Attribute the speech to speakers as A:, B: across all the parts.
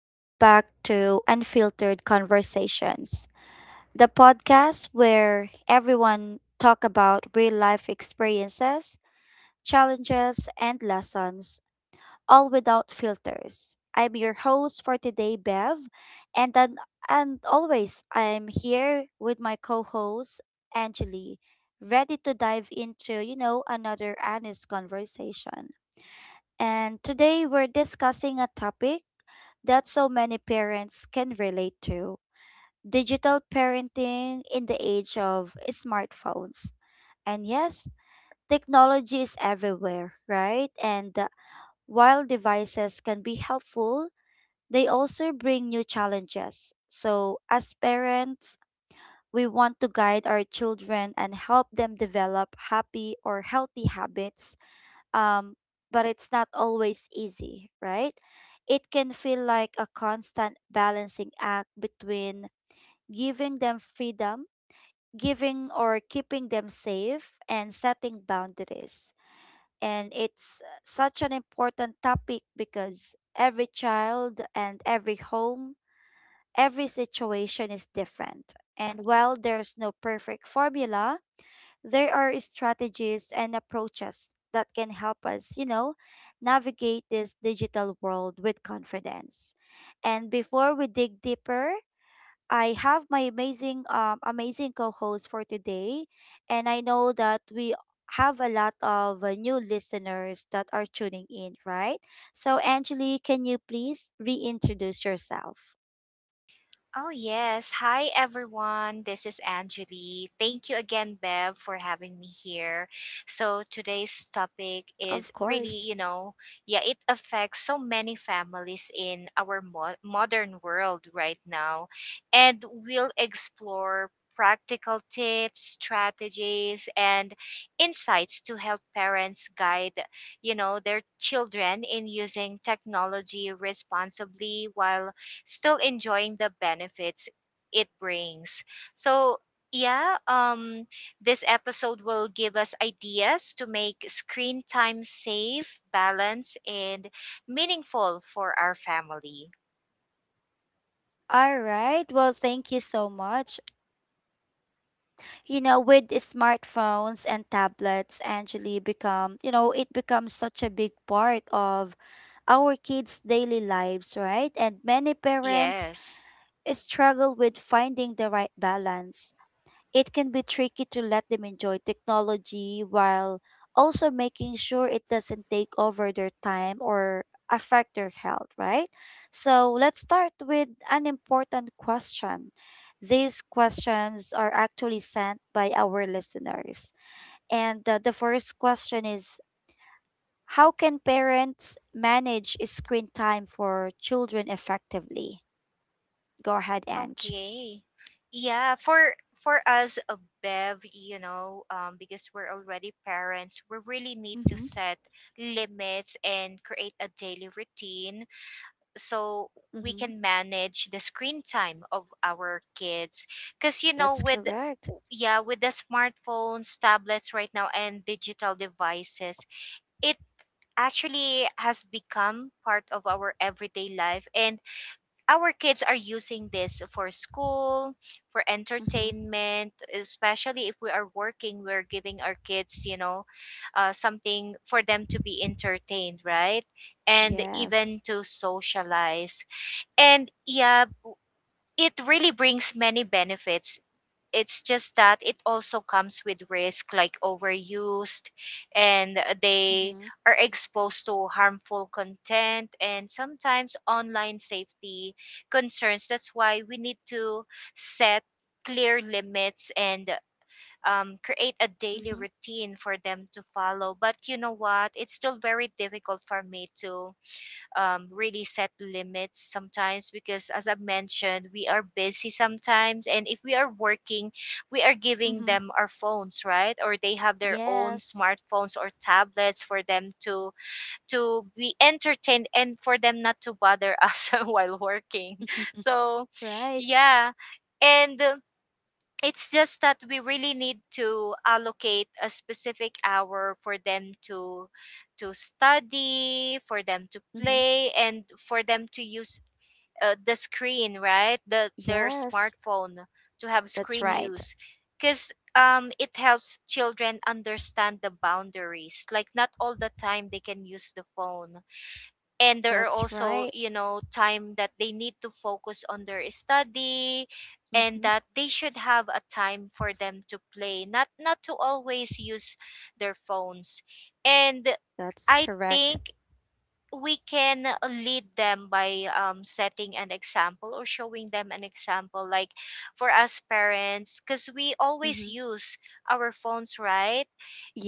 A: Welcome back to Unfiltered Conversations, the podcast where everyone talk about real life experiences, challenges, and lessons, all without filters. I'm your host for today, Bev, and then, and always I'm here with my co-host Angeli, ready to dive into another honest conversation. And today we're discussing a topic that so many parents can relate to digital parenting in the age of smartphones. And yes, technology is everywhere, right? And While devices can be helpful, they also bring new challenges. So, as parents, we want to guide our children and help them develop happy or healthy habits um, but it's not always easy, right? It can feel like a constant balancing act between giving them freedom, giving or keeping them safe, and setting boundaries. And it's such an important topic because every child and every home, every situation is different. And while there's no perfect formula, there are strategies and approaches that can help us navigate this digital world with confidence. And before we dig deeper, I have my amazing co-host for today, and I know that we have a lot of new listeners that are tuning in, right? So Angeli, can you please reintroduce yourself?
B: Oh, yes. Hi, everyone. This is Angeli. Thank you again, Bev, for having me here. So, today's topic is
A: Of
B: really,
A: course.
B: yeah, it affects so many families in our modern world right now. And we'll explore practical tips, strategies, and insights to help parents guide, their children in using technology responsibly while still enjoying the benefits it brings. So, yeah, this episode will give us ideas to make screen time safe, balanced, and meaningful for our family.
A: All right. Well, thank you so much. You know, with the smartphones and tablets actually become you know it becomes such a big part of our kids daily lives, right? And many parents
B: Yes.
A: struggle with finding the right balance. It can be tricky to let them enjoy technology while also making sure it doesn't take over their time or affect their health, right? So let's start with an important question. These questions are actually sent by our listeners. And the first question is, how can parents manage screen time for children effectively? Go ahead, Ange.
B: Okay. Yeah, for us, Bev, because we're already parents, we really need to
A: Mm-hmm.
B: set limits and create a daily routine so we
A: Mm-hmm.
B: can manage the screen time of our kids because you know
A: That's
B: with
A: correct.
B: yeah, with the smartphones, tablets right now and digital devices, it actually has become part of our everyday life, and our kids are using this for school, for
A: Mm-hmm.
B: entertainment, especially if we are working. We're giving our kids, you know, something for them to be entertained, right? And
A: Yes.
B: even to socialize. And yeah, it really brings many benefits. It's just that it also comes with risk, like overused, and they
A: Mm-hmm.
B: are exposed to harmful content and sometimes online safety concerns. That's why we need to set clear limits and create a daily
A: Mm-hmm.
B: routine for them to follow. But you know what? It's still very difficult for me to really set limits sometimes, because as I mentioned, we are busy sometimes, and if we are working, we are giving
A: Mm-hmm.
B: them our phones, right? Or they have their own
A: Yes.
B: smartphones or tablets for them to be entertained and for them not to bother us while working. So
A: Right.
B: yeah. And it's just that we really need to allocate a specific hour for them to study, for them to
A: Mm-hmm.
B: play, and for them to use the screen, right? Their
A: Yes.
B: smartphone, to have
A: That's
B: screen
A: right.
B: use. Because it helps children understand the boundaries, like not all the time they can use the phone, and there are
A: That's
B: also,
A: right.
B: you know, time that they need to focus on their study, and
A: Mm-hmm.
B: that they should have a time for them to play, not to always use their phones. And
A: That's
B: I
A: correct.
B: think we can lead them by setting an example or showing them an example, like for us parents, because we always
A: Mm-hmm.
B: use our phones, right?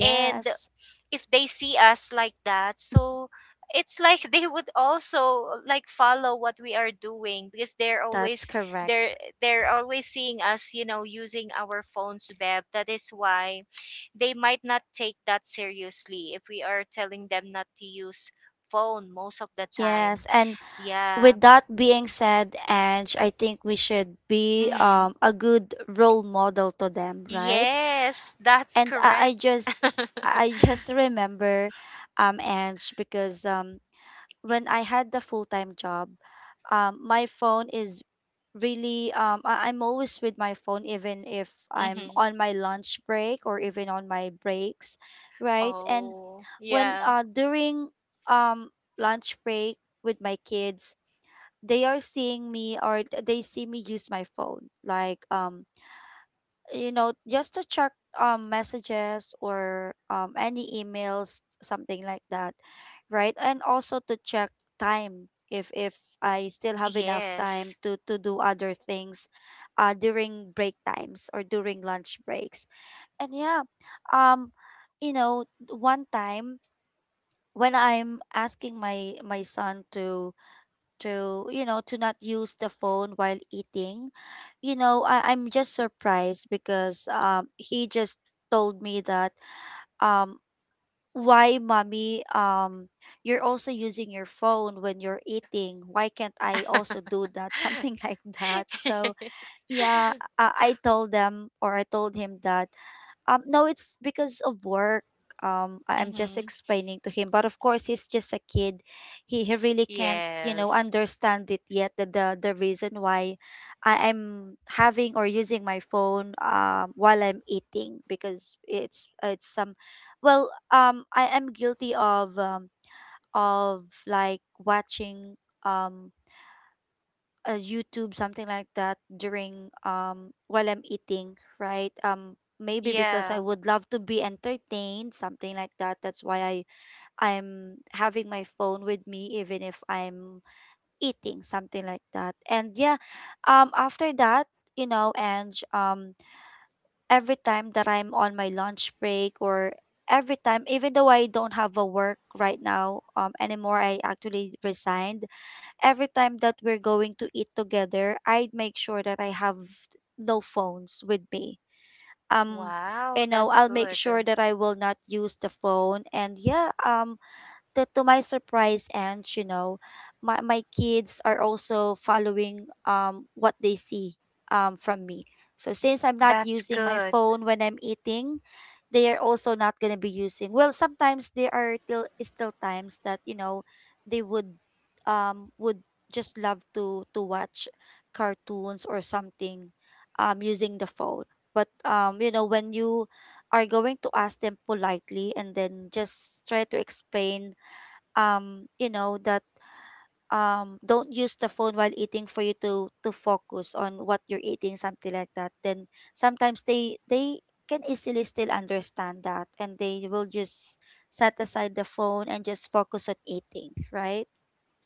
B: And if they see us like that, so it's like they would also like follow what we are doing, because they're
A: That's
B: always, they're
A: correct.
B: they're always seeing us, you know, using our phones, Beb. That is why they might not take that seriously if we are telling them not to use phone most of the time.
A: Yes. And
B: Yeah.
A: with that being said, Ange, I think we should be
B: Mm-hmm.
A: a good role model to them, right?
B: Yes, that's
A: And I, I
B: correct.
A: just I just remember Ange, because when I had the full-time job, my phone is I'm always with my phone even if I'm
B: Mm-hmm.
A: on my lunch break or even on my breaks, right? And
B: Oh,
A: when
B: yeah.
A: during um lunch break with my kids, they are seeing me or they see me use my phone like just to check messages or any emails, something like that, right? And also to check time if I still have enough time
B: Yes.
A: to do other things during break times or during lunch breaks. And yeah, um one time when I'm asking my son to not use the phone while eating, you know, I'm just surprised because he just told me that um why mommy, you're also using your phone when you're eating, why can't I also do that? Something like that. So yeah, i, I told them, or I told him, that no, it's because of work. I'm just
B: Mm-hmm.
A: explaining to him, but of course, he's just a kid. He really can't, you know,
B: Yes.
A: understand it yet. The reason why I am having or using my phone while I'm eating, because I am guilty of of like watching um a YouTube, something like that, during while I'm eating, right? Maybe because I
B: Yeah.
A: would love to be entertained, something like that. That's why I'm having my phone with me, even if I'm eating, something like that. And yeah, after that, you know, and every time that I'm on my lunch break, or every time, even though I don't have a work right now, anymore, I actually resigned, every time that we're going to eat together, I'd make sure that I have no phones with me. Um,
B: Wow, that's
A: I'll make
B: good.
A: sure that I will not use the phone. And yeah, to my surprise, and my, my kids are also following what they see from me. So since I'm not
B: That's
A: using my
B: good.
A: phone when I'm eating, they are also not going to be using. Well, sometimes there are till still times that, you know, they would um would just love to watch cartoons or something using the phone. But you know, when you are going to ask them politely and then just try to explain, that, don't use the phone while eating for you to focus on what you're eating, something like that, then sometimes they can easily still understand that, and they will just set aside the phone and just focus on eating, right?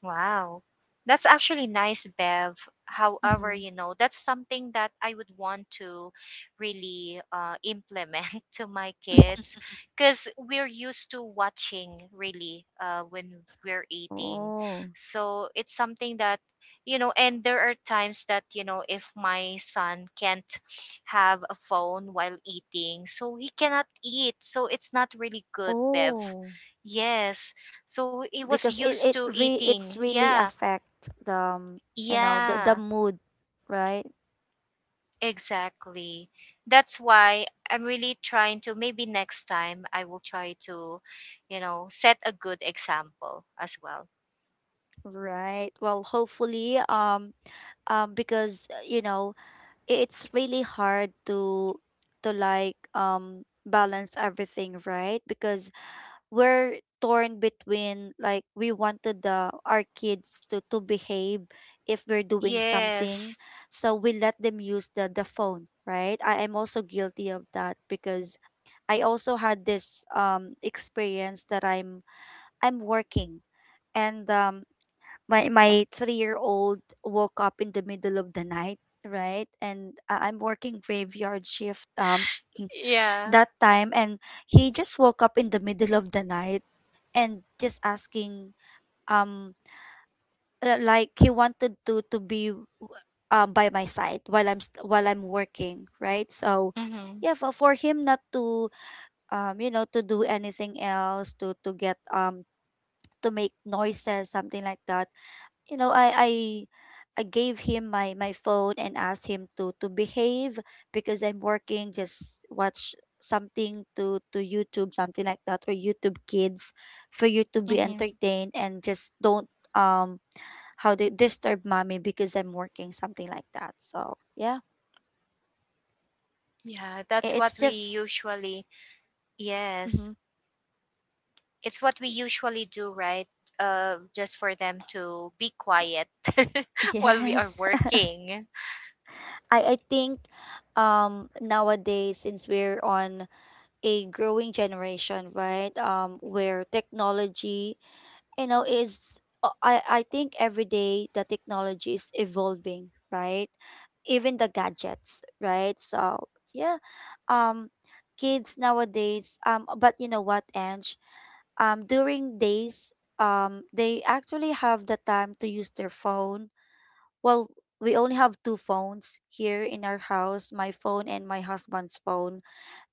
B: Wow. That's actually nice, Bev. However,
A: Mm-hmm.
B: you know, that's something that I would want to really implement to my kids, because we're used to watching really when we're eating.
A: Oh.
B: So it's something that, you know, and there are times that, you know, if my son can't have a phone while eating, so he cannot eat. So it's not really good, Bev.
A: Oh,
B: Yes. So he was
A: because it
B: used
A: it
B: to
A: re
B: eating.
A: it's really
B: Yeah.
A: affect the
B: Yeah.
A: mood, right?
B: Exactly. That's why I'm really trying to maybe next time I will try to, you know, set a good example as well.
A: Right, well, hopefully, because you know, it's really hard to like balance everything, right? Because we're torn between, like, we wanted the our kids to behave if we're doing something,
B: Yes.
A: so we let them use the phone, right? I am also guilty of that, because I also had this experience that I'm working, and my my 3-year old woke up in the middle of the night, right? And I'm working graveyard shift
B: Yeah.
A: that time, and he just woke up in the middle of the night and just asking um like he wanted to be by my side while I'm while I'm working, right? So
B: Mhm.
A: yeah, for him not to to do anything else to get to make noises, something like that. You know, I gave him my my phone and asked him to behave, because I'm working. Just watch something to YouTube, something like that, or YouTube Kids, for you to be
B: Mhm.
A: entertained, and just don't um how they disturb mommy, because I'm working, something like that. So yeah,
B: Yeah,
A: I-
B: that's what
A: it's
B: we
A: just
B: usually. Yes.
A: mhm.
B: It's what we usually do, right? Uh, just for them to be quiet while we are
A: Yes.
B: working.
A: I think nowadays, since we're on a growing generation, right? Where technology, you know, is I think every day the technology is evolving, right? Even the gadgets, right? So yeah, um kids nowadays, but you know what, Ange, during days, they actually have the time to use their phone. Well, we only have two phones here in our house, my phone and my husband's phone.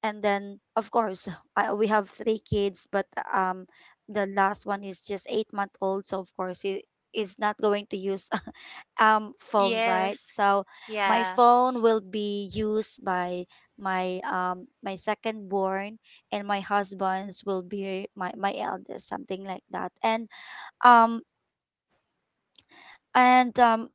A: And then, of course, we have three kids, but um the last one is just 8-month old, so of course he is not going to use phone, right?
B: Yes.
A: So my
B: Yeah.
A: phone will be used by my second born, and my husband's will be my eldest, something like that. Um and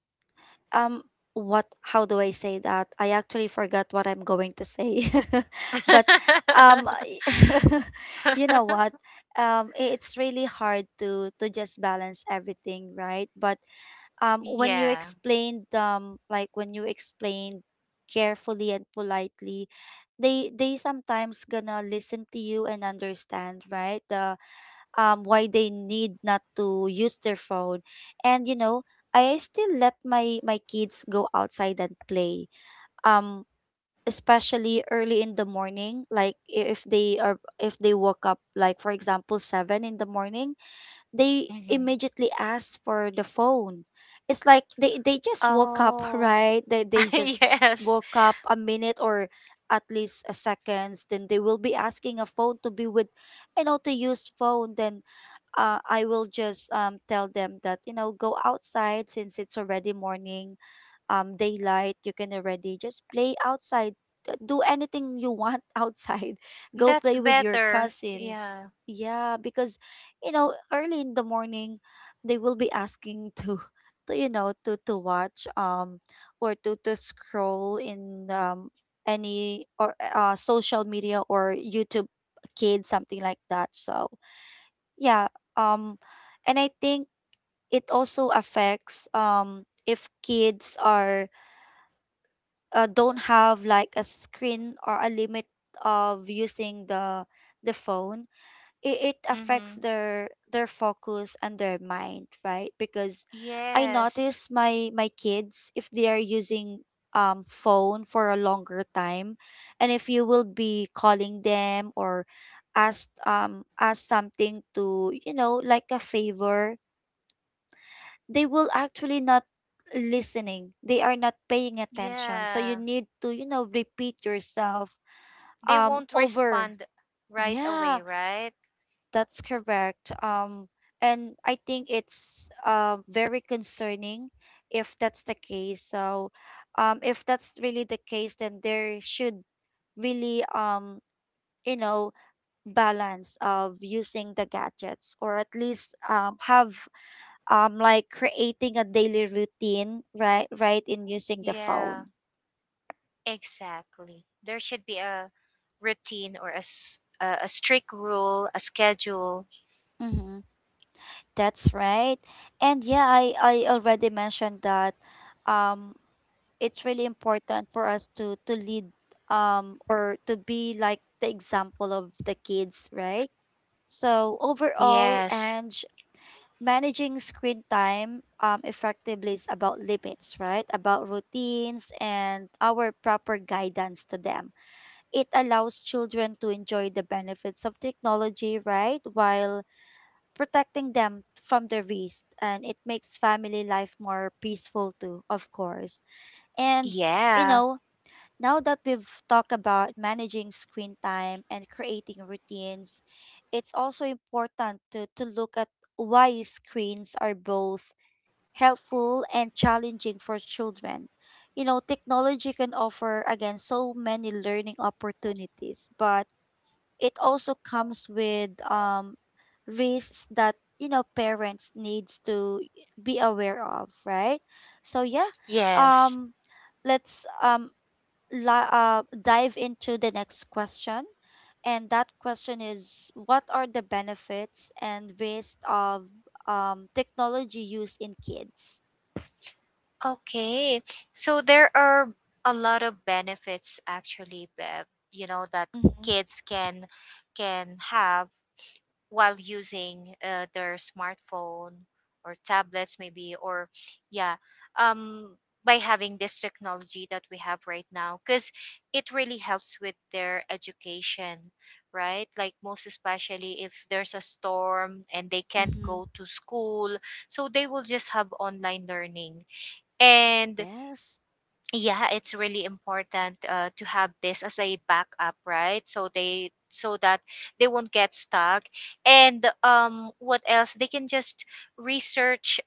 A: um what, how do I say that? I actually forgot what I'm going to say. But um you know what? It's really hard to just balance everything, right? But when you
B: Yeah.
A: explained, when you explained carefully and politely, they sometimes gonna listen to you and understand, right? The why they need not to use their phone. And you know, I still let my kids go outside and play. Um, especially early in the morning, like if they are, if they woke up, like, for example, 7 in the morning, they
B: Hmm.
A: immediately ask for the phone. It's like they just woke up,
B: Oh,
A: right? They just
B: yes.
A: woke up a minute, or at least a seconds, then they will be asking a phone to be with, you know, to use phone. Then I will just tell them that, you know, go outside, since it's already morning, daylight. You can already just play outside. Do anything you want outside. Go
B: That's
A: play with your
B: better.
A: cousins.
B: Yeah.
A: Yeah, because, you know, early in the morning, they will be asking to, to, you know, to, watch or to scroll in any or social media or YouTube Kids, something like that. So yeah, um, and I think it also affects if kids are don't have like a screen or a limit of using the phone, it affects
B: Mm-hmm.
A: their focus and their mind, right? Because I
B: Yes.
A: notice my kids, if they are using phone for a longer time, and if you will be calling them or ask ask something to, you know, like a favor, they will actually not listening, they are not paying attention, so you
B: Yeah.
A: need to, you know, repeat yourself
B: They won't
A: over.
B: respond right
A: Yeah.
B: away, right?
A: That's correct. And I think it's very concerning if that's the case. So, if that's really the case, then there should really, you know, balance of using the gadgets, or at least have like creating a daily routine, right? Right in using the phone.
B: Yeah. Exactly. There should be a routine or a, a strict rule, a schedule.
A: Mm-hmm. That's right. And yeah, I already mentioned that. Um, it's really important for us to lead or to be like the example of the kids, right? So overall,
B: Yes.
A: and managing screen time effectively is about limits, right? About routines and our proper guidance to them. It allows children to enjoy the benefits of technology, right? While protecting them from the risk, and it makes family life more peaceful too, of course. And you
B: Yeah.
A: know, now that we've talked about managing screen time and creating routines, it's also important to look at why screens are both helpful and challenging for children. Technology can offer, again, so many learning opportunities, but it also comes with risks that, parents needs to be aware of, right? So, yeah,
B: Yes.
A: um, let's dive into the next question. And that question is, what are the benefits and waste of technology use in kids?
B: Okay. So there are a lot of benefits actually, Bev, you know, that
A: Mhm.
B: kids can have while using their smartphone or tablets maybe, or yeah, um by having this technology that we have right now, because it really helps with their education, right? Like most especially if there's a storm and they can't go
A: Mm-hmm.
B: to school, so they will just have online learning. And
A: Yes.
B: yeah, it's really important to have this as a backup, right? So they, so that they won't get stuck. And what else, they can just research,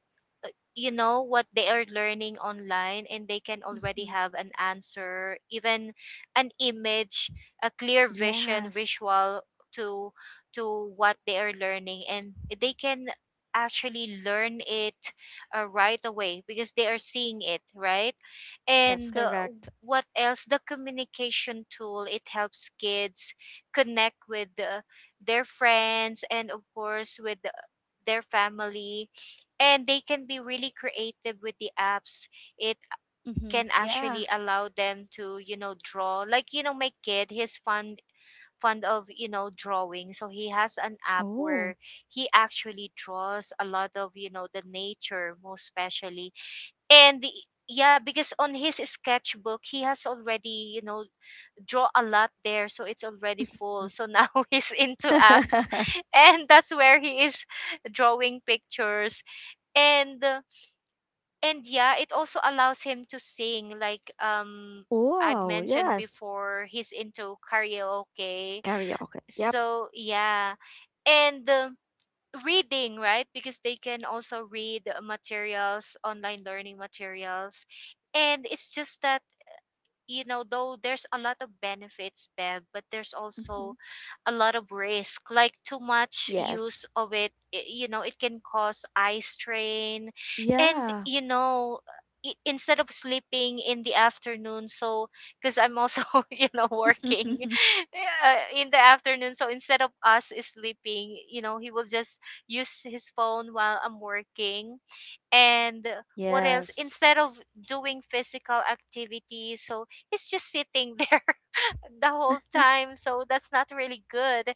B: you know, what they are learning online, and they can
A: Mm-hmm.
B: already have an answer, even an image, a clear vision,
A: Yes.
B: visual to what they are learning, and they can actually learn it right away because they are seeing it, right?
A: That's
B: And
A: correct.
B: what else, the communication tool, it helps kids connect with their friends and of course with their family. And they can be really creative with the apps. It
A: Mm-hmm.
B: can
A: Yeah.
B: actually allow them to, you know, draw, like, you know, my kid, he's fond of, you know, drawing, so he has an app where
A: Oh.
B: he actually draws a lot of, you know, the nature most especially. And the yeah, because on his sketchbook, he has already, you know, draw a lot there, so it's already full, so now he's into apps, and that's where he is drawing pictures. And and yeah, it also allows him to sing, like I've
A: Wow,
B: mentioned
A: yes.
B: before, he's into karaoke,
A: Karaoke. Yep.
B: so yeah. And reading, right? Because they can also read materials online, learning materials. And it's just that, you know, though there's a lot of benefits, Bev, but there's
A: Mm-hmm.
B: also a lot of risk, like too much use
A: Yes.
B: of it, you know, it can cause eye strain. And
A: Yeah.
B: you know, instead of sleeping in the afternoon, so because I'm also you know working, in the afternoon, so instead of us sleeping, you know, he will just use his phone while I'm working. And what else,
A: Yes.
B: instead of doing physical activity, so he's just sitting there the whole time, so that's not really good.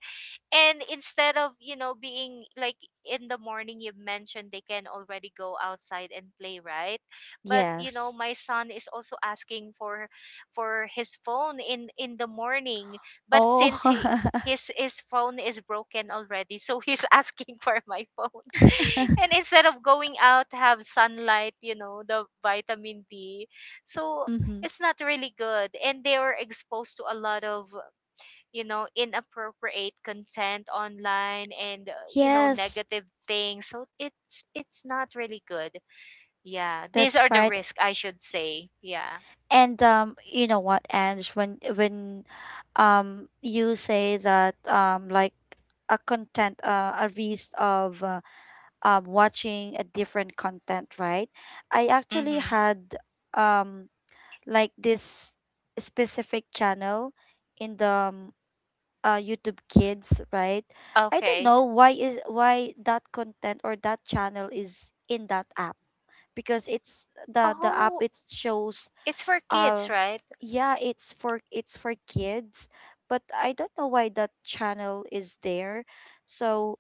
B: And instead of, you know, being like in the morning, you mentioned, they can already go outside and play, right? But you know,
A: Yes.
B: my son is also asking for his phone in the morning. But
A: Oh.
B: since he, his phone is broken already, so he's asking for my phone, and instead of going out, have sunlight, you know, the vitamin D. So
A: Mm-hmm.
B: it's not really good. And they were exposed to a lot of, you know, inappropriate content online and, you know,
A: Yes,
B: negative things, so it's not really good. Yeah, these are
A: that's
B: the
A: right.
B: risks, I should say. Yeah.
A: And you know what, Ange, when you say that like a content, a list of watching a different content, right? I actually
B: Hmm.
A: had um, like this specific channel in the YouTube Kids, right? I don't
B: Okay.
A: know why is why that content or that channel is in that app, because it's the app,
B: Oh,
A: it shows,
B: it's for
A: uh
B: kids, right?
A: yeah, it's for kids. But I don't know why that channel is there. So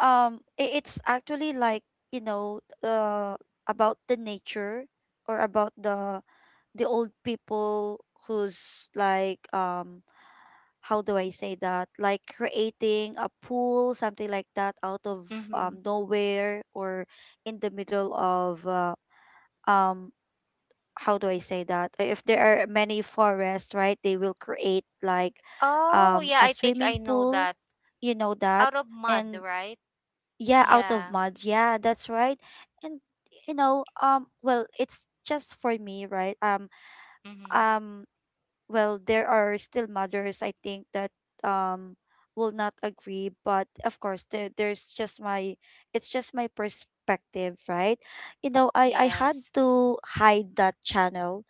A: it's actually like, you know uh about the nature or about the old people who's like, how do I say that, like creating a pool, something like that, out of
B: Hmm.
A: nowhere, or in the middle of, um how do I say that. If there are many forests, right, they will create like
B: Oh, yeah,
A: a
B: I think I
A: swimming
B: know
A: pool,
B: that.
A: you know that.
B: Out of mud,
A: And
B: right?
A: yeah, out of
B: Yeah.
A: mud, yeah, that's right. And you know, well, it's just for me, right?
B: Hmm.
A: Um well, there are still mothers, I think, that um will not agree, but of course, there, there's just my it's just my perspective, right? I had
B: Yes.
A: to hide that channel,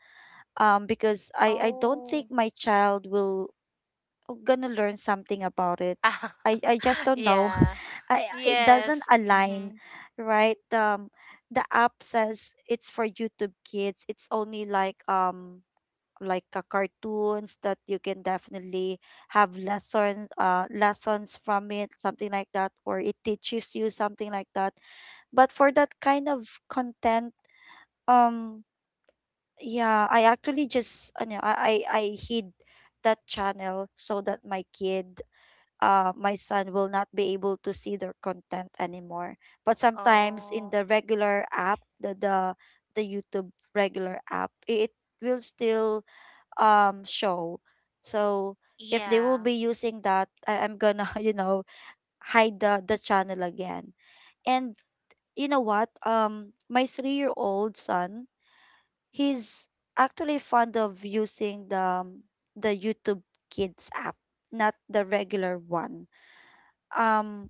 A: because I don't think
B: Oh,
A: my child will gonna learn something about it.
B: ah,
A: I just don't know.
B: yeah,
A: I it doesn't
B: yes.
A: align,
B: Hmm.
A: right? The app says it's for YouTube Kids. It's only like, like cartoons that you can definitely have lessons from it, something like that, or it teaches you something like that. But for that kind of content, um, yeah, I actually just no, I hid that channel so that my kid my son will not be able to see their content anymore. But sometimes in
B: Oh,
A: the regular app, the the YouTube regular app, it will still show. So if they will
B: yeah.
A: be using that, I'm gonna hide the channel again. And you know what? My three-year-old son, he's actually fond of using um, the YouTube Kids app, not the regular one. Um,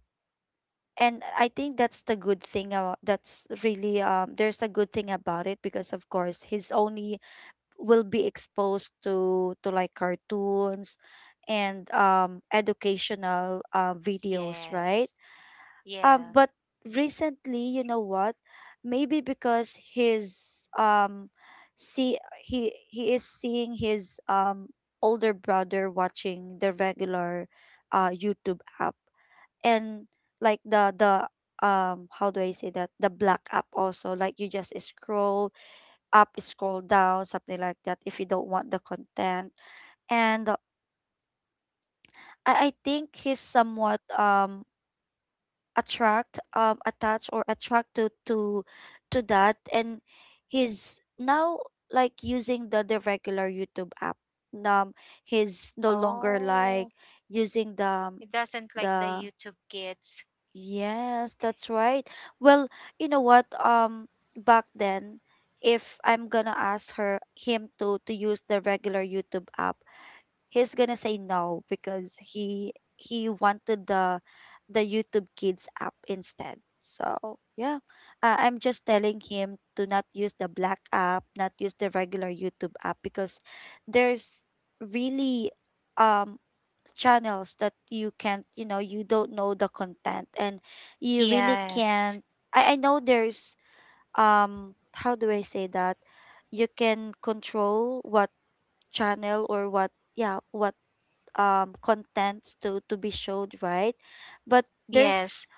A: and I think that's the good thing about, that's really, there's a good thing about it, because of course his only will be exposed to, like cartoons and educational videos, right?
B: Yes. Yeah.
A: But recently, you know what, maybe because his see, he is seeing his older brother watching the regular YouTube app, and like the how do I say that, the black app, also like, you just scroll up, scroll down, something like that, if you don't want the content. And I think he's somewhat, attract attached or attracted to that. And he's now, like, using the regular YouTube app. um he's no longer like
B: Oh,
A: using
B: it doesn't like the
A: the
B: YouTube kids.
A: Yes, that's right. Well, you know what? Back then, if I'm gonna ask her him to use the regular YouTube app, he's gonna say no, because he wanted the YouTube Kids app instead. So yeah, I'm just telling him to not use the black app, not use the regular YouTube app, because there's really, um channels that you don't know the content, and you really can't.
B: Yes.
A: I know there's, um how do I say that, you can control what channel or what yeah, what contents to be showed, right? But there's
B: Yes.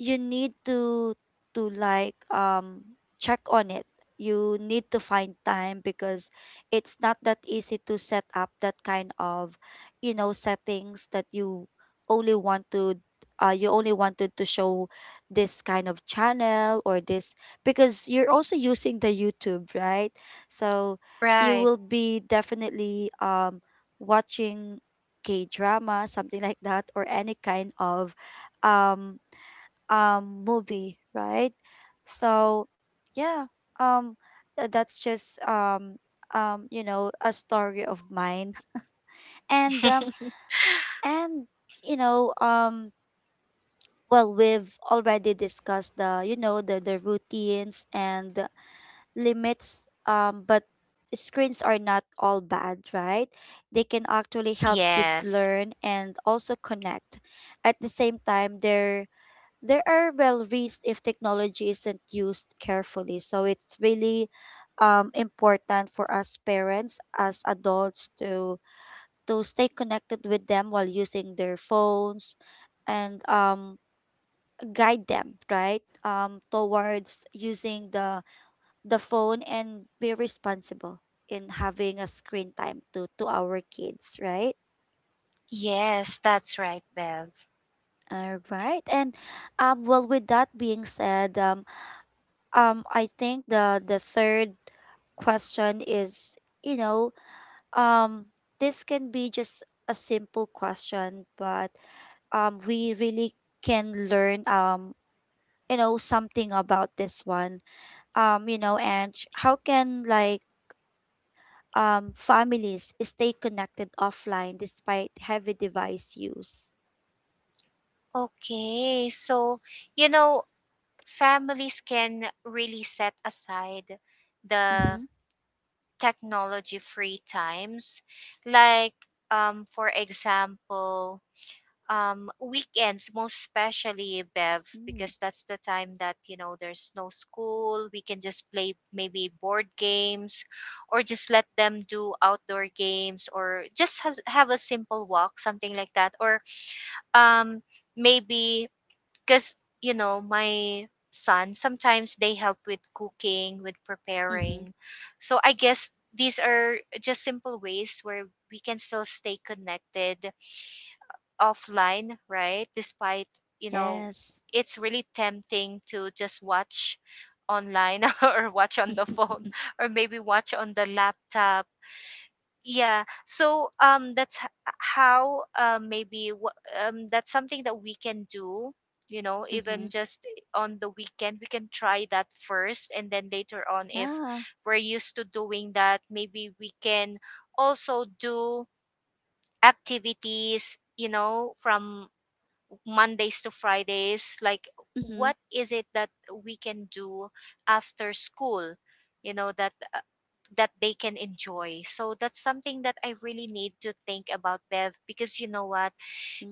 A: you need to like, check on it. You need to find time, because it's not that easy to set up that kind of, settings that you only want to, you only wanted to show this kind of channel or this, because you're also using the YouTube, right? So you
B: Right.
A: will be definitely, watching K drama, something like that, or any kind of, um movie, right? So yeah, um that's just a story of mine. And um and you know, well, we've already discussed, the routines and the limits, but screens are not all bad, right? They can actually help kids
B: Yes.
A: learn and also connect. At the same time, they're there are, well, risks if technology isn't used carefully. So it's really, important for us parents as adults to stay connected with them while using their phones, and guide them, right, towards using the phone and be responsible in having a screen time to our kids, right?
B: Yes, that's right, Bev.
A: All right. And well, with that being said, I think the third question is, you know, um this can be just a simple question, but we really can learn, something about this one. How can like, families stay connected offline despite heavy device use?
B: Okay. So, you know, families can really set aside the
A: Mhm.
B: technology free times. Like, for example, weekends most especially, Bev,
A: Mm.
B: because that's the time that, you know, there's no school. We can just play, maybe board games, or just let them do outdoor games, or just have a simple walk, something like that, or um maybe because, you know, my son, sometimes they help with cooking, with
A: Mhm.
B: preparing. So I guess these are just simple ways where we can still stay connected offline, right? Despite, you know,
A: Yes.
B: it's really tempting to just watch online or watch on the phone or maybe watch on the laptop. Yeah. So that's how, uh, maybe, that's something that we can do, you know, even
A: Mhm.
B: just on the weekend. We can try that first, and then later on, if
A: Yeah.
B: we're used to doing that, maybe we can also do activities, you know, from Mondays to Fridays, like
A: Mhm.
B: what is it that we can do after school, you know, that that they can enjoy. So that's something that I really need to think about, Bev, because you know what,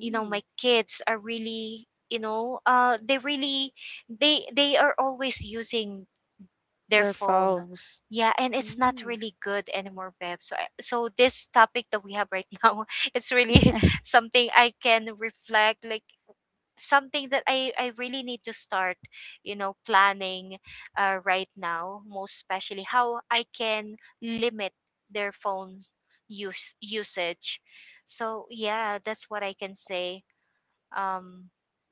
B: you know, my kids are really, you know, they really, they are always using their
A: Their
B: phone.
A: phones.
B: Yeah, and it's not
A: Mm.
B: really good anymore, Bev. So, so this topic that we have right now, it's really something I can reflect, like something that I really need to start, you know, planning right now, most especially how I can limit their phone use usage. So yeah, that's what I can say, um,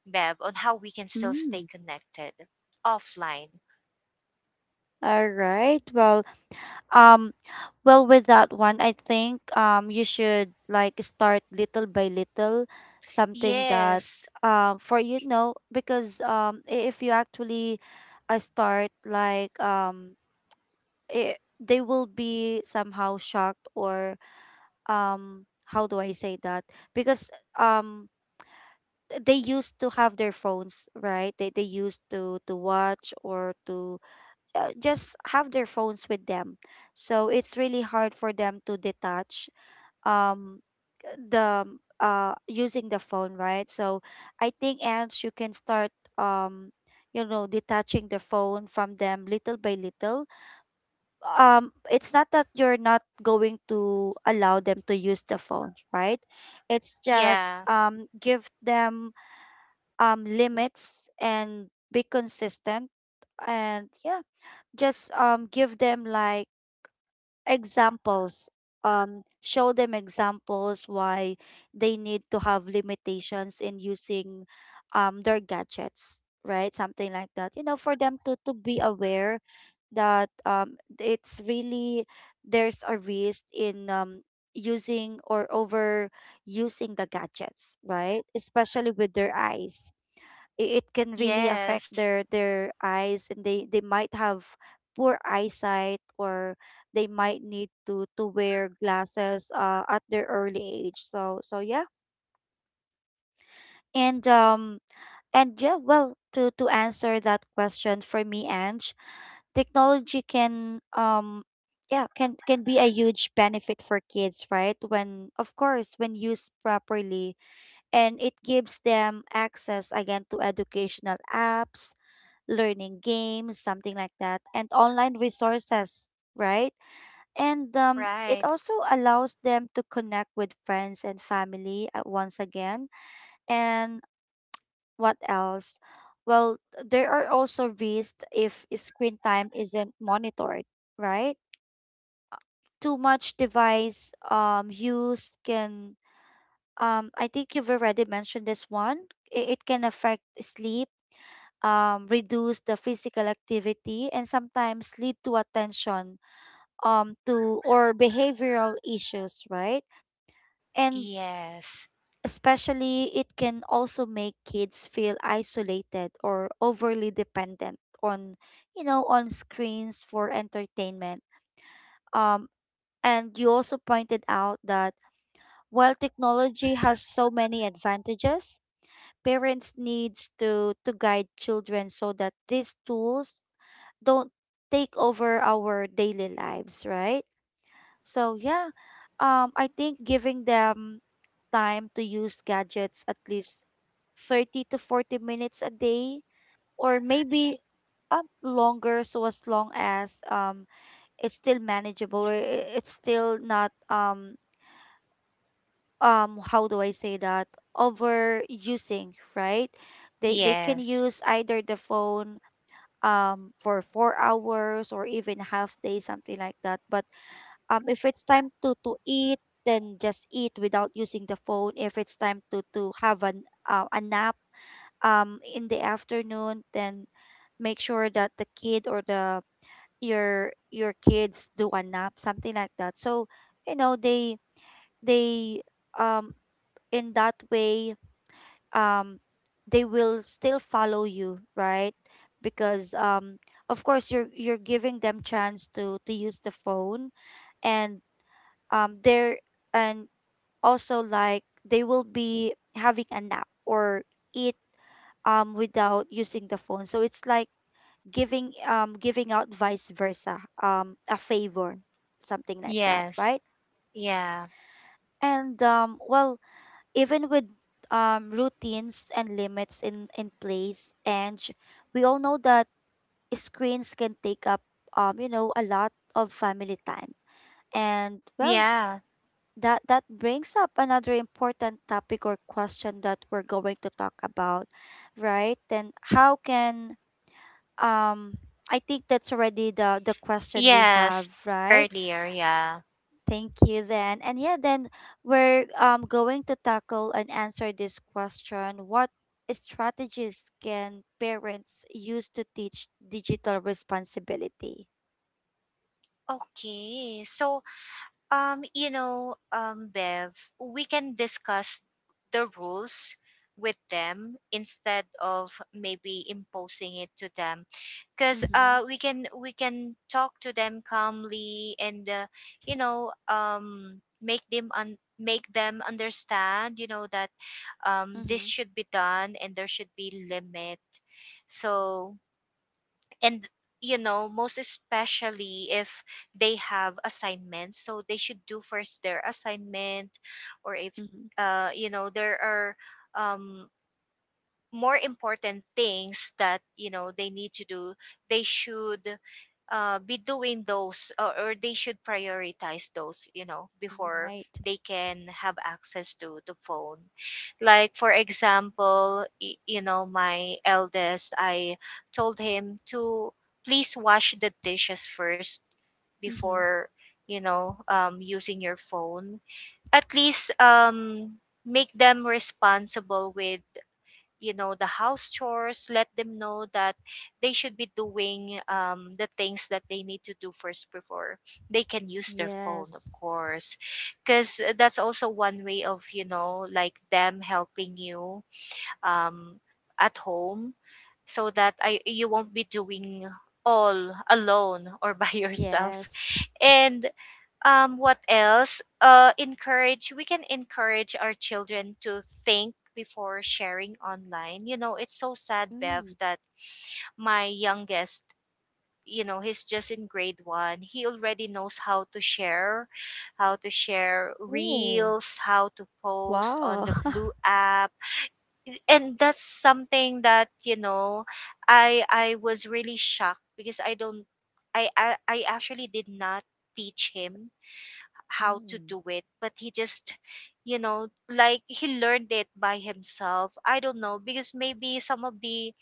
B: Bev, on how we can still stay
A: Mm.
B: connected offline.
A: All right. Well, um, well, with that one, I think you should like start little by little, something that
B: Yes.
A: for you know because I- if you actually, start they will be somehow shocked, or um how do I say that, because um they used to have their phones, right? They used to watch, or to just have their phones with them. So it's really hard for them to detach, um the using the phone, right? So I think, Ange, you can start, um detaching the phone from them little by little. It's not that you're not going to allow them to use the phone, right? It's just,
B: Yeah.
A: give them, limits and be consistent. And yeah, just, give them like examples, show them examples why they need to have limitations in using, their gadgets, right, something like that, for them to be aware that, it's really there's a risk in, using or over using the gadgets, right, especially with their eyes. It can really affect
B: Yes.
A: their eyes, and they might have poor eyesight, or they might need to wear glasses, at their early age. So yeah. And yeah, well, to answer that question for me, Ange, technology can, yeah, can be a huge benefit for kids, right, when, of course, when used properly. And it gives them access again to educational apps, learning games, something like that, and online resources, right? And it
B: Right.
A: also allows them to connect with friends and family, once again. And what else? Well, there are also risks if screen time isn't monitored, right? Too much device, use can, I think you've already mentioned this one. It can affect sleep, reduce the physical activity, and sometimes lead to attention, to or behavioral issues, right? And
B: Yes.
A: especially, it can also make kids feel isolated or overly dependent on you know on screens for entertainment. um and you also pointed out that while technology has so many advantages, parents needs to guide children so that these tools don't take over our daily lives, right? So yeah, I think giving them time to use gadgets at least 30 to 40 minutes a day, or maybe longer, so as long as it's still manageable, or it's still not how do I say that, overusing, right? They can
B: Yes.
A: use either the phone for 4 hours or even half day, something like that. But if it's time to eat, then just eat without using the phone. If it's time to have an a nap in the afternoon, then make sure that the kid, or the your kids do a nap, something like that. So you know, they um in that way, um they will still follow you, right? Because of course you're giving them chance to use the phone. And they're and Also, like, they will be having a nap or eat without using the phone. So it's like giving, giving out vice versa, a favor, something like that,
B: Yes.
A: right?
B: Yeah.
A: And well, even with routines and limits in place, and we all know that screens can take up, you know, a lot of family time. And well,
B: Yeah.
A: that brings up another important topic or question that we're going to talk about, right? And how can, um I think that's already the question we have,
B: Yes,
A: right?
B: earlier. Yeah.
A: Thank you then. And yeah, then we're going to tackle and answer this question. What strategies can parents use to teach digital responsibility?
B: Okay. So, Bev, we can discuss the rules with them instead of maybe imposing it to them because
A: Mm-hmm.
B: we can talk to them calmly and make them make them understand, you know, that this
A: Mm-hmm.
B: should be done and there should be limit. So and you know, most especially if they have assignments, so they should do first their assignment, or if
A: Mm-hmm.
B: you know there are um more important things that you know they need to do, they should be doing those, or they should prioritize those, you know, before
A: Right.
B: they can have access to the phone. Like for example, you know, my eldest, I told him to please wash the dishes first
A: Mm-hmm.
B: before, using your phone. At least, make them responsible with, you know, the house chores. Let them know that they should be doing the things that they need to do first before they can use their phone, of
A: Yes.
B: course, because that's also one way of, you know, like them helping you um, at home. So that you won't be doing all alone or by yourself.
A: Yes.
B: And what else encourage we can encourage our children to think before sharing online. You know, it's so sad, Bev,
A: Mm.
B: that my youngest, you know, he's just in grade 1, he already knows how to share, how to share
A: Oh.
B: reels, how to post on
A: Wow.
B: the blue app. And that's something that, you know, I was really shocked, because I don't, I actually did not teach him how to
A: Mm.
B: do it, but he just, you know, like he learned it by himself. I don't know, because maybe some of the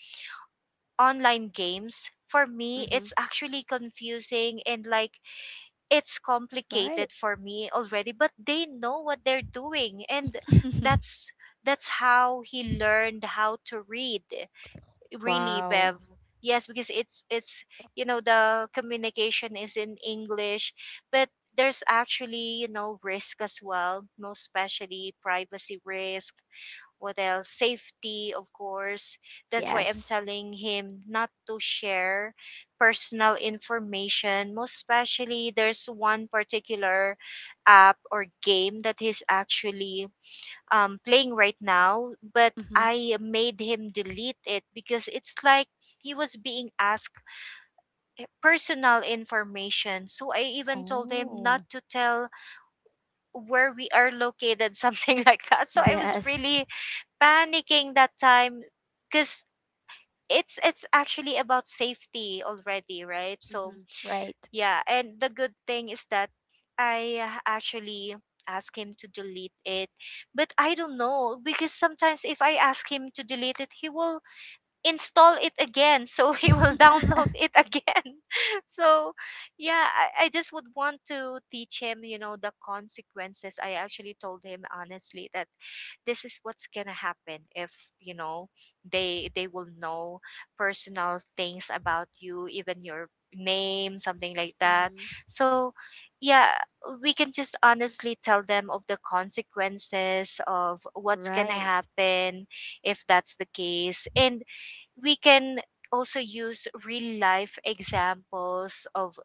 B: online games, for me
A: Mm-hmm.
B: it's actually confusing and like it's
A: Right.
B: complicated for me already, but they know what they're doing. And that's that's how he learned how to read, really,
A: Wow.
B: Bev. Yes, because it's you know, the communication is in English, but there's actually, you know, risk as well, most especially privacy risk. What else? Safety, of course. That's why I'm
A: Yes.
B: telling him not to share personal information. Most especially, there's one particular app or game that he's actually playing right now, but
A: Mm-hmm.
B: I made him delete it because it's like he was being asked personal information. So I even told him not
A: Oh.
B: to tell where we are located, something like that. So I was
A: Yes.
B: really panicking that time, because it's actually about safety already, right? So
A: Mm-hmm. Right.
B: yeah, and the good thing is that I, actually ask him to delete it. But I don't know, because sometimes if I ask him to delete it, he will install it again. So he will download
A: Mm-hmm.
B: it again. So yeah, I just would want to teach him, you know, the consequences. I actually told him honestly that this is what's gonna happen if, you know, they will know personal things about you, even your name, something like that. So yeah, we can just honestly tell them of the consequences of what's gonna
A: Right.
B: happen if that's the case. And we can also use real life examples of,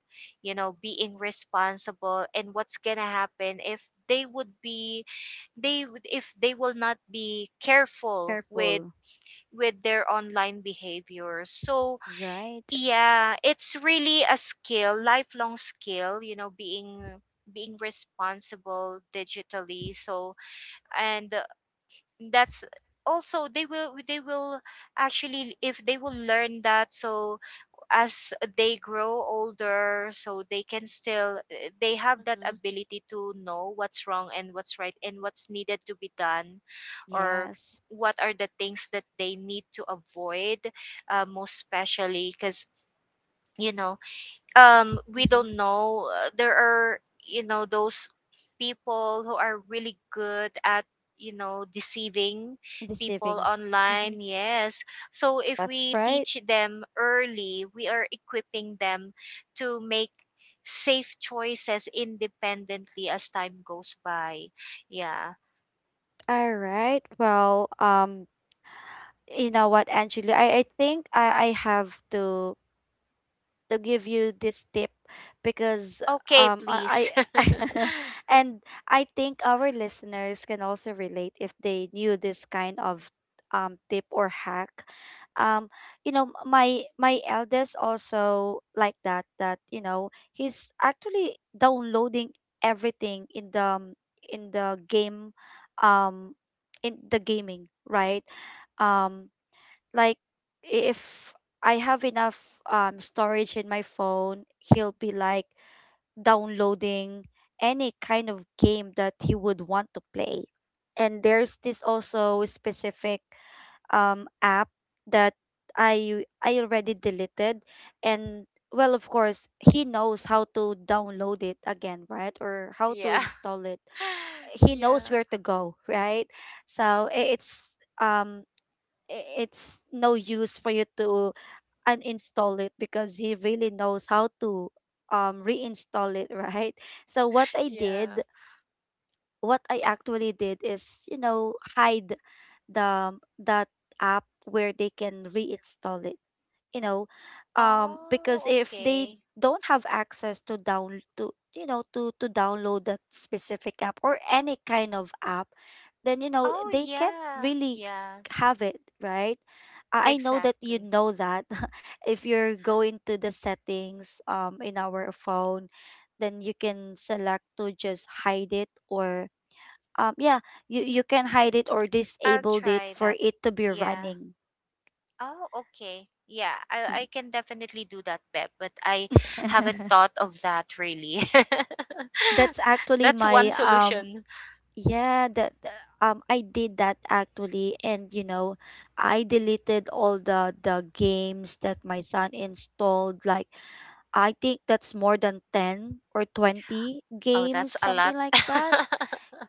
B: you know, being responsible and what's gonna happen if they would be, if they will not be careful with
A: Careful.
B: their online behavior. So
A: Right.
B: yeah, it's really a skill, lifelong skill, you know, being, being responsible digitally. So and uh, that's also, they will actually, if they will learn that, so as they grow older, so they can still they have that
A: Mm-hmm.
B: ability to know what's wrong and what's right and what's needed to be done, or
A: Yes.
B: what are the things that they need to avoid, most especially because, you know, we
A: Mm-hmm.
B: don't know, there are, you know, those people who are really good at, you know, deceiving people
A: Deceiving. Mm-hmm.
B: online. Yes, so if
A: That's
B: we
A: right.
B: teach them early, we are equipping them to make safe choices independently as time goes by. Yeah.
A: All right. Well, you know what, Angela, I think I have to give you this tip because
B: Okay,
A: um I,
B: please.
A: I and I think our listeners can also relate if they knew this kind of tip or hack. Um, you know, my eldest also like that, that, you know, he's actually downloading everything in the game, um in the gaming, right? um like, if I have enough storage in my phone, he'll be like downloading any kind of game that he would want to play. And there's this also specific app that I already deleted, and well, of course he knows how to download it again, right? Or how to
B: Yeah.
A: install it. He knows
B: Yeah.
A: where to go, right? So it's um it's no use for you to uninstall it because he really knows how to reinstall it, right? So what I
B: Yeah.
A: did, what I actually did is, you know, hide the, that app where they can reinstall it, you know,
B: Oh,
A: because if they
B: okay.
A: don't have access to down to, you know, to download that specific app or any kind of app, then you know
B: Oh
A: they can't
B: yeah.
A: really
B: Yeah.
A: have it, right? I know that, you
B: Exactly.
A: know, that if you're going to the settings in our phone, then you can select to just hide it, or yeah, you can hide it or
B: I'll
A: disabled it
B: try
A: for
B: that.
A: it to be
B: Yeah.
A: running.
B: Oh, okay. Yeah, I can definitely do that, Beb, but I haven't thought of that really.
A: That's actually
B: That's one
A: my
B: solution.
A: yeah, I did that actually, and you know, I deleted all the games that my son installed. Like, I think that's more than 10 or 20
B: Oh, that's
A: games,
B: a lot.
A: something like that.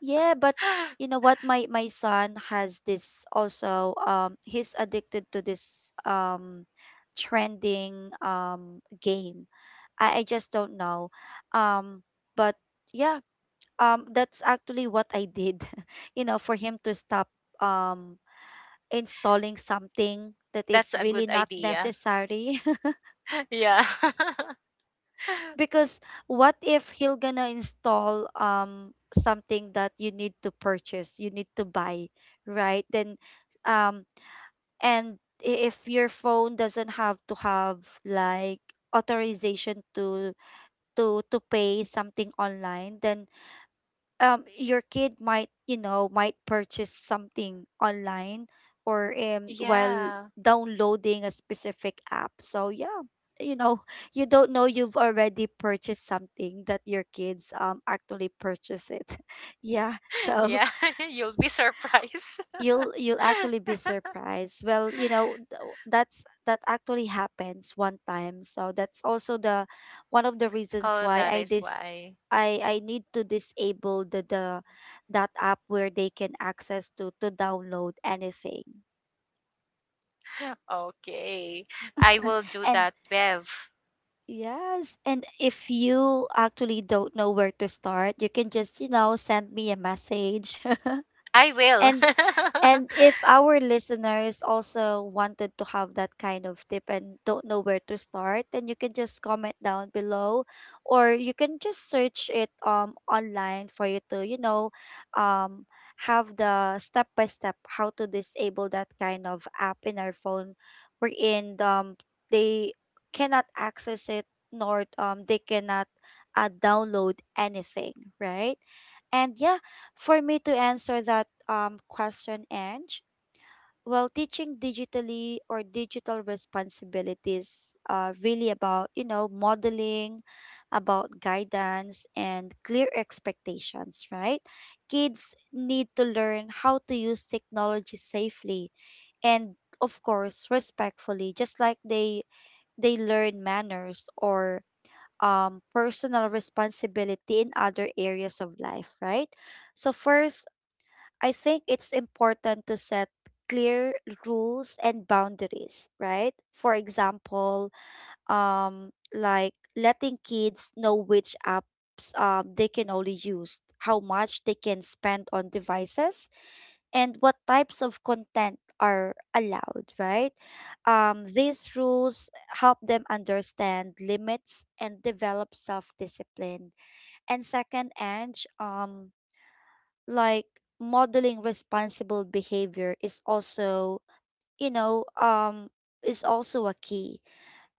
A: Yeah, but you know what, my son has this also, he's addicted to this trending game. I just don't know, um but yeah, that's actually what I did, you know, for him to stop um installing something that
B: That's
A: is
B: a good
A: really not
B: idea.
A: necessary.
B: Yeah.
A: Because what if he'll gonna install something that you need to purchase, you need to buy, right? Then um and if your phone doesn't have to have, like, authorization to pay something online, then your kid might, you know, might purchase something online, or while
B: Yeah.
A: downloading a specific app. So yeah, you know, you don't know, you've already purchased something that your kids actually purchase it. Yeah, so
B: Yeah, you'll be surprised.
A: you'll actually be surprised. Well, you know, that's, that actually happens one time. So that's also the one of the reasons
B: Oh,
A: why
B: that is why.
A: I need to disable the that app where they can access to download anything.
B: Okay. I will do
A: And
B: that, Bev.
A: yes, and if you actually don't know where to start, you can just, you know, send me a message.
B: I will.
A: And and if our listeners also wanted to have that kind of tip and don't know where to start, then you can just comment down below, or you can just search it online for you to, you know, um have the step by step how to disable that kind of app in our phone, wherein they cannot access it, nor they cannot download anything, right? And yeah, for me to answer that question, Ange, well, teaching digitally or digital responsibilities really about, you know, modeling, about guidance and clear expectations, right? Kids need to learn how to use technology safely, and of course respectfully, just like they learn manners or personal responsibility in other areas of life, right? So first, I think it's important to set clear rules and boundaries, right? For example, like letting kids know which apps they can only use, how much they can spend on devices, and what types of content are allowed, right? These rules help them understand limits and develop self discipline. And second, Ange, like modeling responsible behavior is also, you know, is also a key.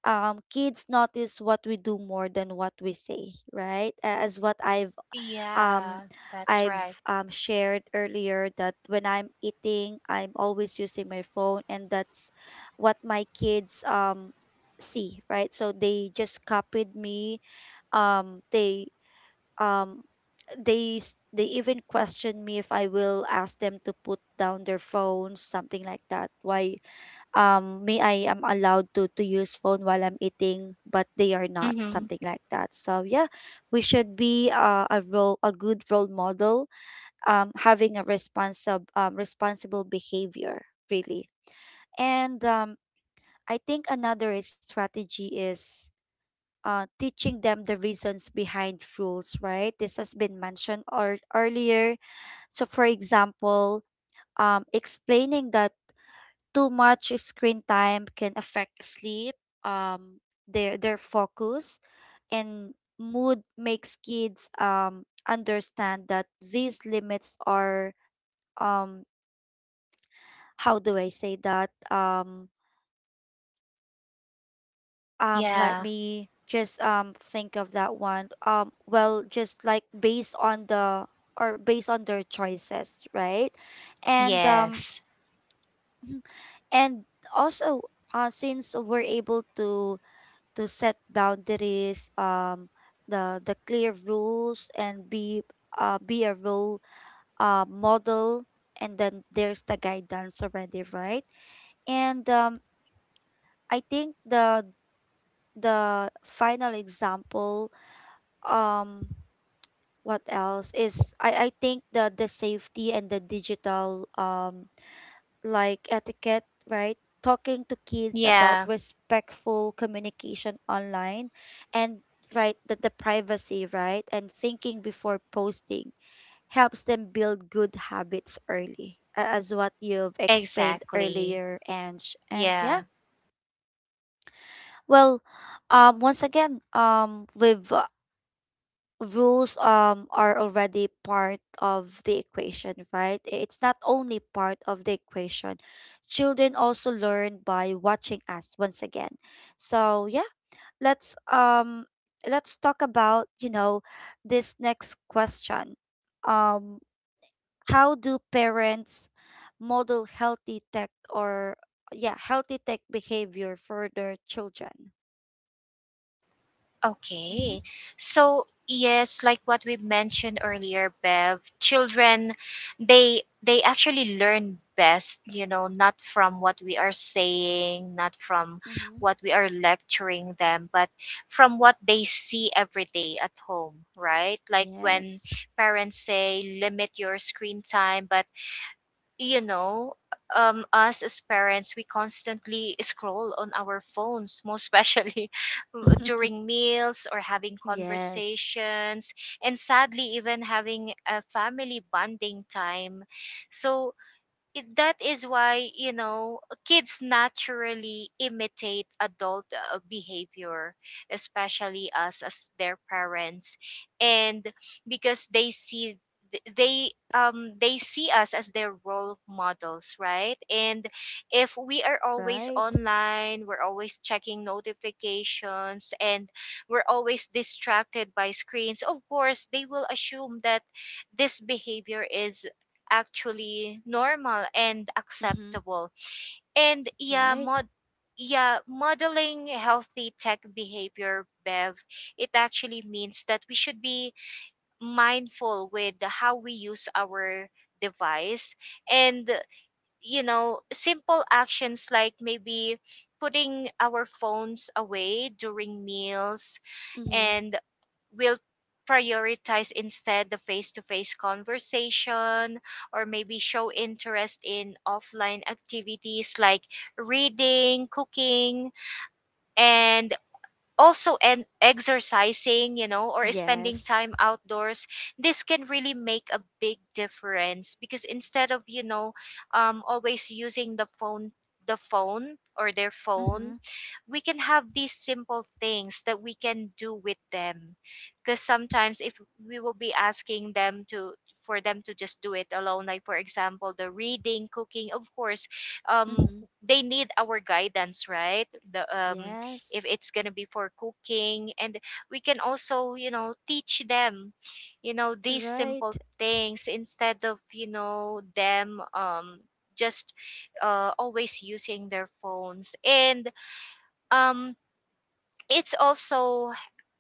A: Kids notice what we do more than what we say, right? As what um
B: Yeah, that's
A: I've
B: right.
A: shared earlier, that when I'm eating I'm always using my phone, and that's what my kids see, right? So they just copied me. um they um they they even question me if I will ask them to put down their phones, something like that. Why me, I am allowed to use phone while I'm eating, but they are not,
B: hmm
A: something like that. So yeah, we should be a role, a good role model, having a responsible responsible behavior really. And I think another strategy is teaching them the reasons behind rules, right? This has been mentioned or earlier. So, for example, explaining that too much screen time can affect sleep, um, their focus, and mood, makes kids understand that these limits are, um how do I say that, let
B: Yeah.
A: me just think of that one. Well, just like based on the, or based on their choices, right? And
B: Yes.
A: and also, since we're able to set boundaries, the clear rules, and be a role model, and then there's the guidance already, right? And I think the final example, um what else is I think the safety and the digital like etiquette, right? Talking to kids about
B: Yeah.
A: respectful communication online, and right, the privacy, right? And thinking before posting helps them build good habits early. As what you've explained
B: Exactly.
A: earlier, and yeah,
B: Yeah.
A: well, once again, we've rules are already part of the equation, right? It's not only part of the equation. Children also learn by watching us once again. So yeah, let's um let's talk about, you know, this next question. Um how do parents model healthy tech or, yeah, healthy tech behavior for their children? Mm-hmm.
B: Okay. So yes, like what we mentioned earlier, Bev, children, they actually learn best, you know, not from what we are saying, not from
A: Mm-hmm.
B: what we are lecturing them, but from what they see every day at home, right? Like when
A: Yes.
B: parents say limit your screen time, but you know, us as parents, we constantly scroll on our phones, most especially during meals or having
A: Yes.
B: conversations, and sadly, even having a family bonding time. So it, that is why, you know, kids naturally imitate adult behavior, especially us as their parents. And because they see, they see us as their role models, right? And if we are always
A: Right.
B: online, we're always checking notifications, and we're always distracted by screens, of course they will assume that this behavior is actually normal and
A: Mm-hmm.
B: acceptable. And yeah,
A: Right.
B: mod Yeah, modeling healthy tech behavior, Bev, it actually means that we should be mindful with how we use our device. And you know, simple actions like maybe putting our phones away during meals,
A: Mm-hmm.
B: and will prioritize instead the face-to-face conversation, or maybe show interest in offline activities like reading, cooking, and also and exercising, you know, or spending
A: Yes.
B: time outdoors. This can really make a big difference, because instead of, you know, always using the phone, the phone or their phone,
A: Mm-hmm.
B: we can have these simple things that we can do with them, because sometimes if we will be asking them to, for them to just do it alone, like for example the reading, cooking, of course, um
A: Mm-hmm.
B: they need our guidance, right? the
A: Yes.
B: If it's going to be for cooking, and we can also, you know, teach them, you know, these
A: Right.
B: simple things instead of, you know, them just always using their phones. And um it's also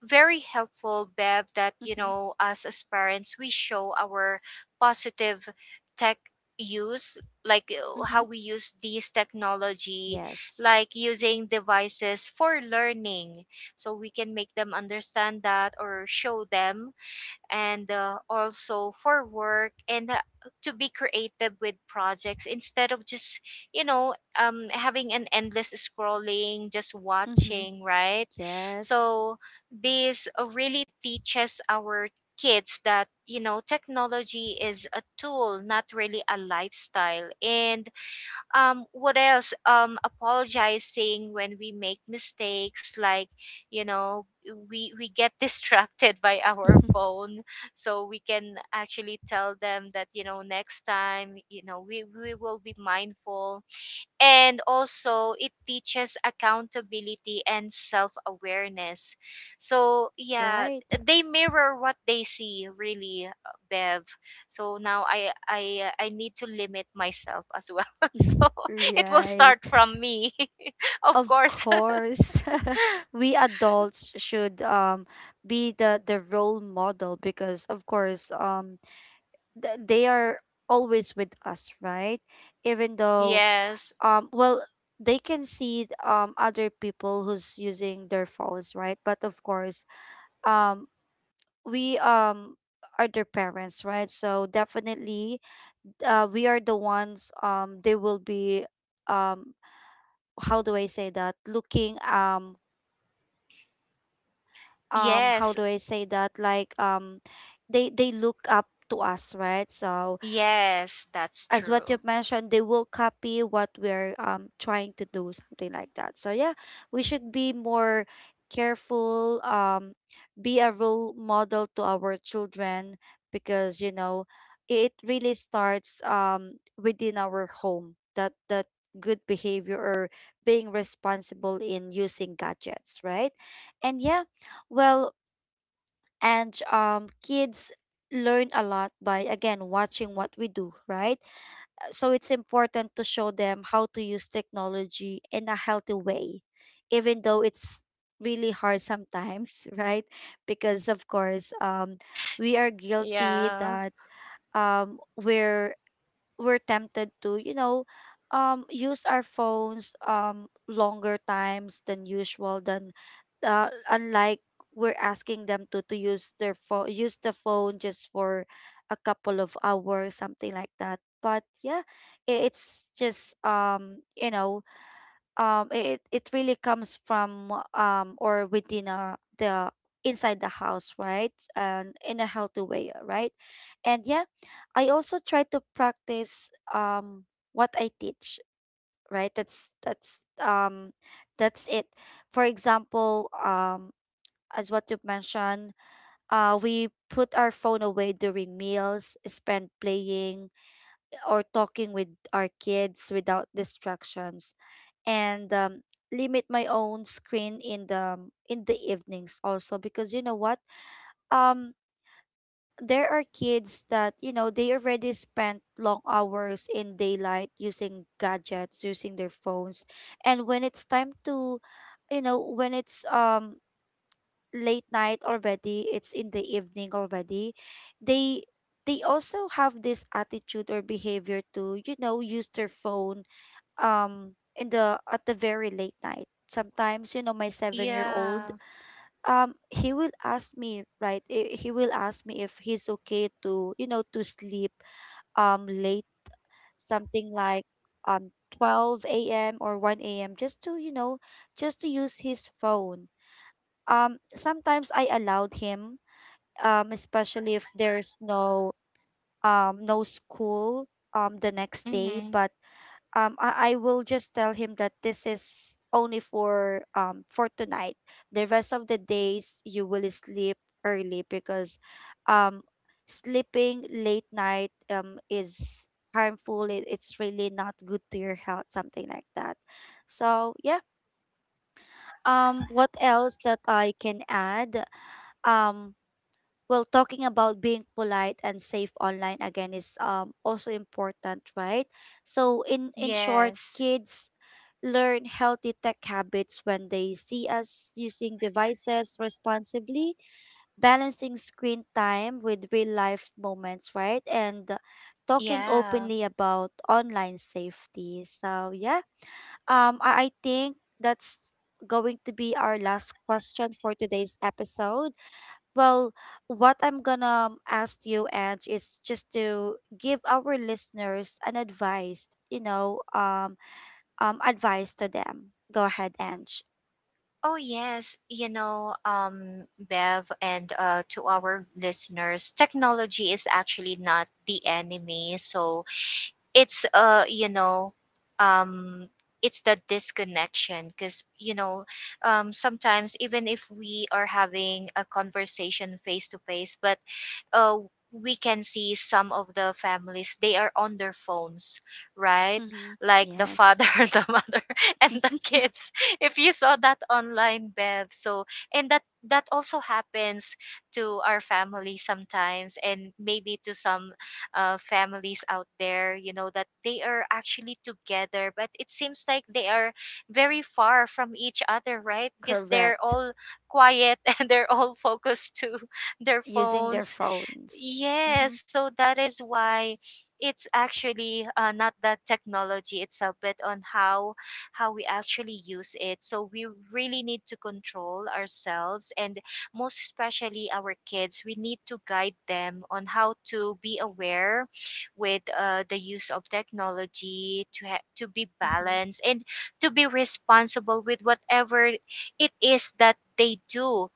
B: very helpful, Bev, that you
A: Mm-hmm.
B: know, us as parents, we show our positive tech use, like how we
A: Mm-hmm.
B: use these technology,
A: Yes.
B: like using devices for learning, so we can make them understand that, or show them, and also for work, and to be creative with projects instead of just, you know, having an endless scrolling, just
A: Mm-hmm.
B: watching, right?
A: Yes.
B: So this really teaches our kids that, you know, technology is a tool, not really a lifestyle. And what else apologizing when we make mistakes, like you know, we get distracted by our
A: Mm-hmm.
B: phone, so we can actually tell them that, you know, next time, you know, we will be mindful. And also, it teaches accountability and self awareness. So yeah,
A: Right.
B: they mirror what they see, really, Bev. So now I need to limit myself as well.
A: Mhm.
B: So it will
A: Right.
B: start from me, of
A: Of
B: course.
A: course. We adults should be the role model, because of course they are always with us, right? Even though
B: Yes,
A: well, they can see other people who's using their phones, right? But of course um we are their parents, right? So definitely, we are the ones they will be, um how do I say that looking, how
B: yes,
A: do I say that like they look up to us, right? So
B: yes, that's
A: as what
B: true.
A: you've mentioned, they will copy what we're trying to do, something like that. So yeah, we should be more careful, be a role model to our children, because you know, it really starts within our home, that good behavior, or being responsible in using gadgets, right? And yeah, well, and kids learn a lot by, again, watching what we do, right? So it's important to show them how to use technology in a healthy way, even though it's really hard sometimes right? Because of course we are guilty
B: Yeah,
A: that um we're we're tempted to, you know, use our phones longer times than usual. Than unlike, we're asking them to use their phone, use the phone just for a couple of hours, something like that. But yeah, it's just um it it really comes from or within the inside the house, right, and in a healthy way, right. And yeah, I also try to practice what I teach, right. That's it. For example, as what you've mentioned, we put our phone away during meals, spend playing or talking with our kids without distractions, and limit my own screen in the in the evenings also, because you know what, um there are kids that, you know, they already spent long hours in daylight using gadgets, using their phones. And when it's time to, you know when it's late night already, it's in the evening already, they they also have this attitude or behavior to, you know, use their phone, in the at the very late night. Sometimes, you know, my 7-year-old,
B: yeah,
A: he will ask me, right. He will ask me if he's okay to, you know, to sleep late, something like um 12 a.m or 1 a.m, just to, you know, just to use his phone. Sometimes I allowed him, especially if there's no no school the next day.
B: mm-hmm.
A: But I will just tell him that this is only for tonight. The rest of the days you will sleep early, because um sleeping late night is harmful. It's really not good to your health, something like that. So yeah. What else that I can add? Um well, talking about being polite and safe online again is also important, right? So in short,
B: Yes,
A: kids learn healthy tech habits when they see us using devices responsibly, balancing screen time with real life moments, right, and talking
B: yeah.
A: openly about online safety. So yeah. I think that's going to be our last question for today's episode. Well, what I'm gonna ask you, Ange, is just to give our listeners an advice, you know, advice to them. Go ahead, Ange.
B: Oh yes, you know, Bev, and to our listeners, technology is actually not the enemy. So it's um, it's the disconnection because you know, sometimes even if we are having a conversation face to face, but uh, we can see some of the families they are on their phones, right?
A: Mm-hmm.
B: Like the
A: Yes.
B: father the mother and the kids, if you saw that online, Bev. So and that also happens to our family sometimes, and maybe to some families out there, you know, that they are actually together, but it seems like they are very far from each other, right? Because they're
A: Correct.
B: all quiet and they're all focused to their
A: Using their
B: phones.
A: phones.
B: Yes,
A: Mm-hmm.
B: so that is why it's actually not the technology itself, but on how, we actually use it. So we really need to control ourselves, and most especially our kids. We need to guide them on how to be aware with the use of technology, to to be
A: Mm-hmm.
B: balanced, and to be responsible with whatever it is that they do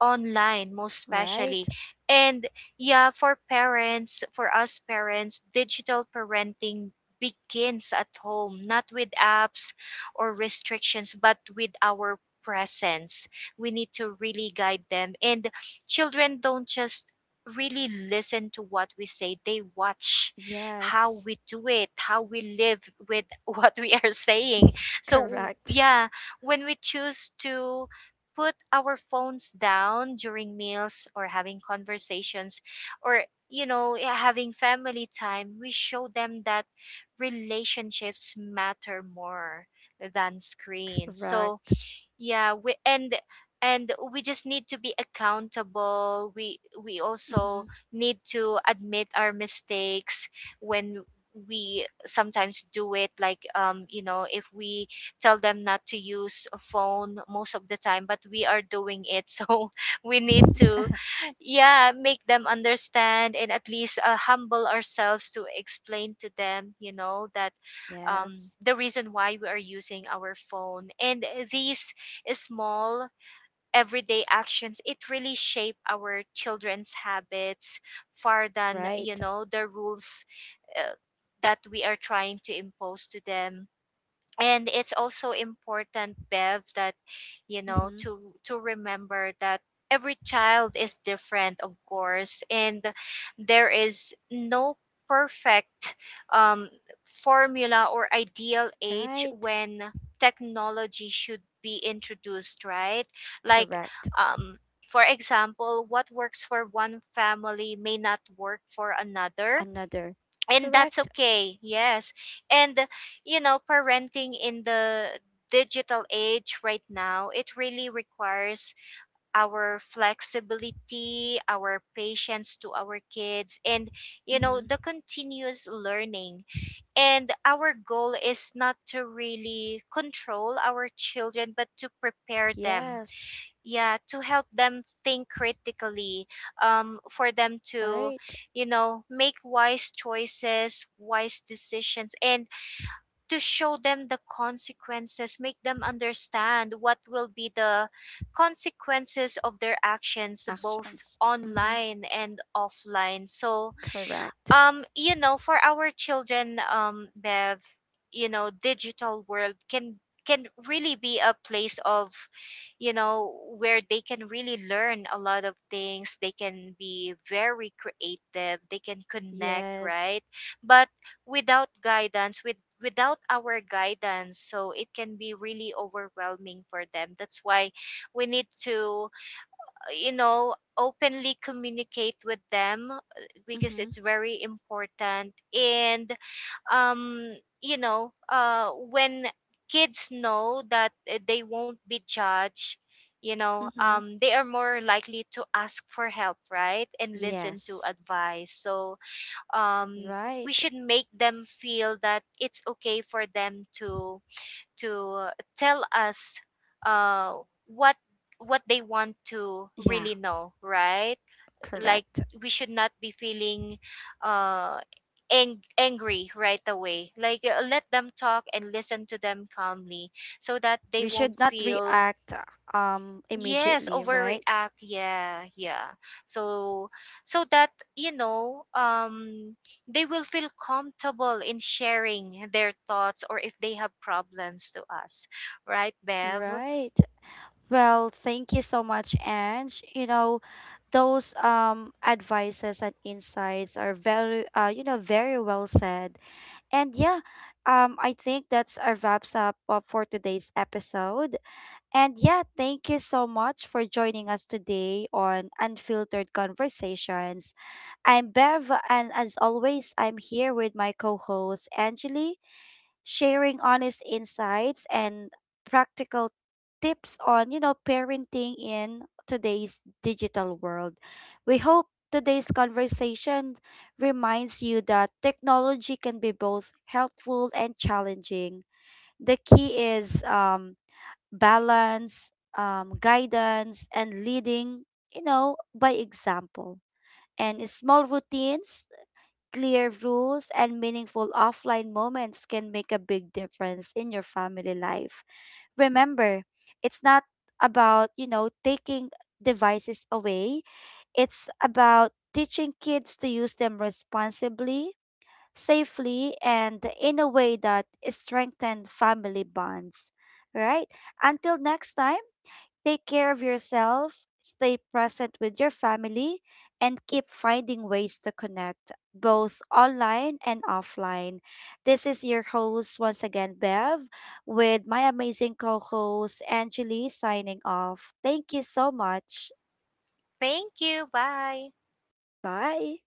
B: online most
A: Right?
B: especially. And yeah, for parents, for us parents, digital parenting begins at home, not with apps or restrictions, but with our presence. We need to really guide them. And children don't just really listen to what we say, they watch how
A: Yes.
B: we do it, how we live with what we are saying. So
A: Correct.
B: yeah, when we choose to put our phones down during meals or having conversations, or you know, yeah, having family time, we show them that relationships matter more than screens. So
A: Correct.
B: yeah, we and we just need to be accountable. We
A: Mm-hmm.
B: also need to admit our mistakes when we sometimes do it, like you know, if we tell them not to use a phone most of the time, but we are doing it. So we need to, yeah, make them understand, and at least humble ourselves to explain to them, you know, that
A: Yes.
B: the reason why we are using our phone. And these small everyday actions, it really shape our children's habits far than, you
A: Right.
B: know, the rules uh, that we are trying to impose to them. And it's also important, Bev, that you know,
A: Mm-hmm.
B: to remember that every child is different, of course, and there is no perfect um, formula or ideal age
A: Right.
B: when technology should be introduced, right? Like
A: Correct.
B: um, for example, what works for one family may not work for another,
A: Another.
B: and that's
A: Correct.
B: okay. Yes. And you know, parenting in the digital age right now, it really requires our flexibility, our patience to our kids, and you know, the
A: Mm-hmm.
B: continuous learning. And our goal is not to really control our children, but to prepare them,
A: Yes,
B: yeah, to help them think critically, for them to,
A: right.
B: you know, make wise choices, wise decisions, and to show them the consequences, make them understand what will be the consequences of their actions, both
A: Actions. Mm-hmm.
B: online and offline. So
A: Correct.
B: you know, for our children, Bev, you know, digital world can, really be a place of, you know, where they can really learn a lot of things, they can be very creative, they can connect,
A: Yes.
B: right? But without guidance, without our guidance, so it can be really overwhelming for them. That's why we need to, you know, openly communicate with them, because
A: Mm-hmm.
B: it's very important. And um you know, when kids know that they won't be judged, you know,
A: Mm-hmm.
B: they are more likely to ask for help, right, and listen to
A: Yes.
B: advice. So um we
A: Right.
B: should make them feel that it's okay for them to tell us, uh, what what they want to
A: Yeah,
B: really know, right? Like
A: correct.
B: we should not be feeling uh, angry right away. Like let them talk and listen to them calmly, so that they
A: We
B: won't
A: should not
B: feel.
A: react
B: Yes,
A: immediately, right?
B: overreact. Yeah, yeah. So, so that, you know, they will feel comfortable in sharing their thoughts, or if they have problems to us. Right, Bev?
A: Right. Well, thank you so much, Ange. You know, those advices and insights are very you know, very well said. And yeah, I think that's a wraps up for today's episode. And yeah, thank you so much for joining us today on Unfiltered Conversations. I'm Bev, and as always, I'm here with my co host, Angeli, sharing honest insights and practical tips on, you know, parenting in today's digital world. We hope today's conversation reminds you that technology can be both helpful and challenging. The key is balance, guidance, and leading, you know, by example. And small routines, clear rules, and meaningful offline moments can make a big difference in your family life. Remember, it's not about, you know, taking devices away, it's about teaching kids to use them responsibly, safely, and in a way that strengthen family bonds. Right? Until next time. Take care of yourself, stay present with your family, and keep finding ways to connect, both online and offline. This is your host once again, Bev, with my amazing co host, Angeli, signing off. Thank you so much.
B: Thank you. Bye.
A: Bye.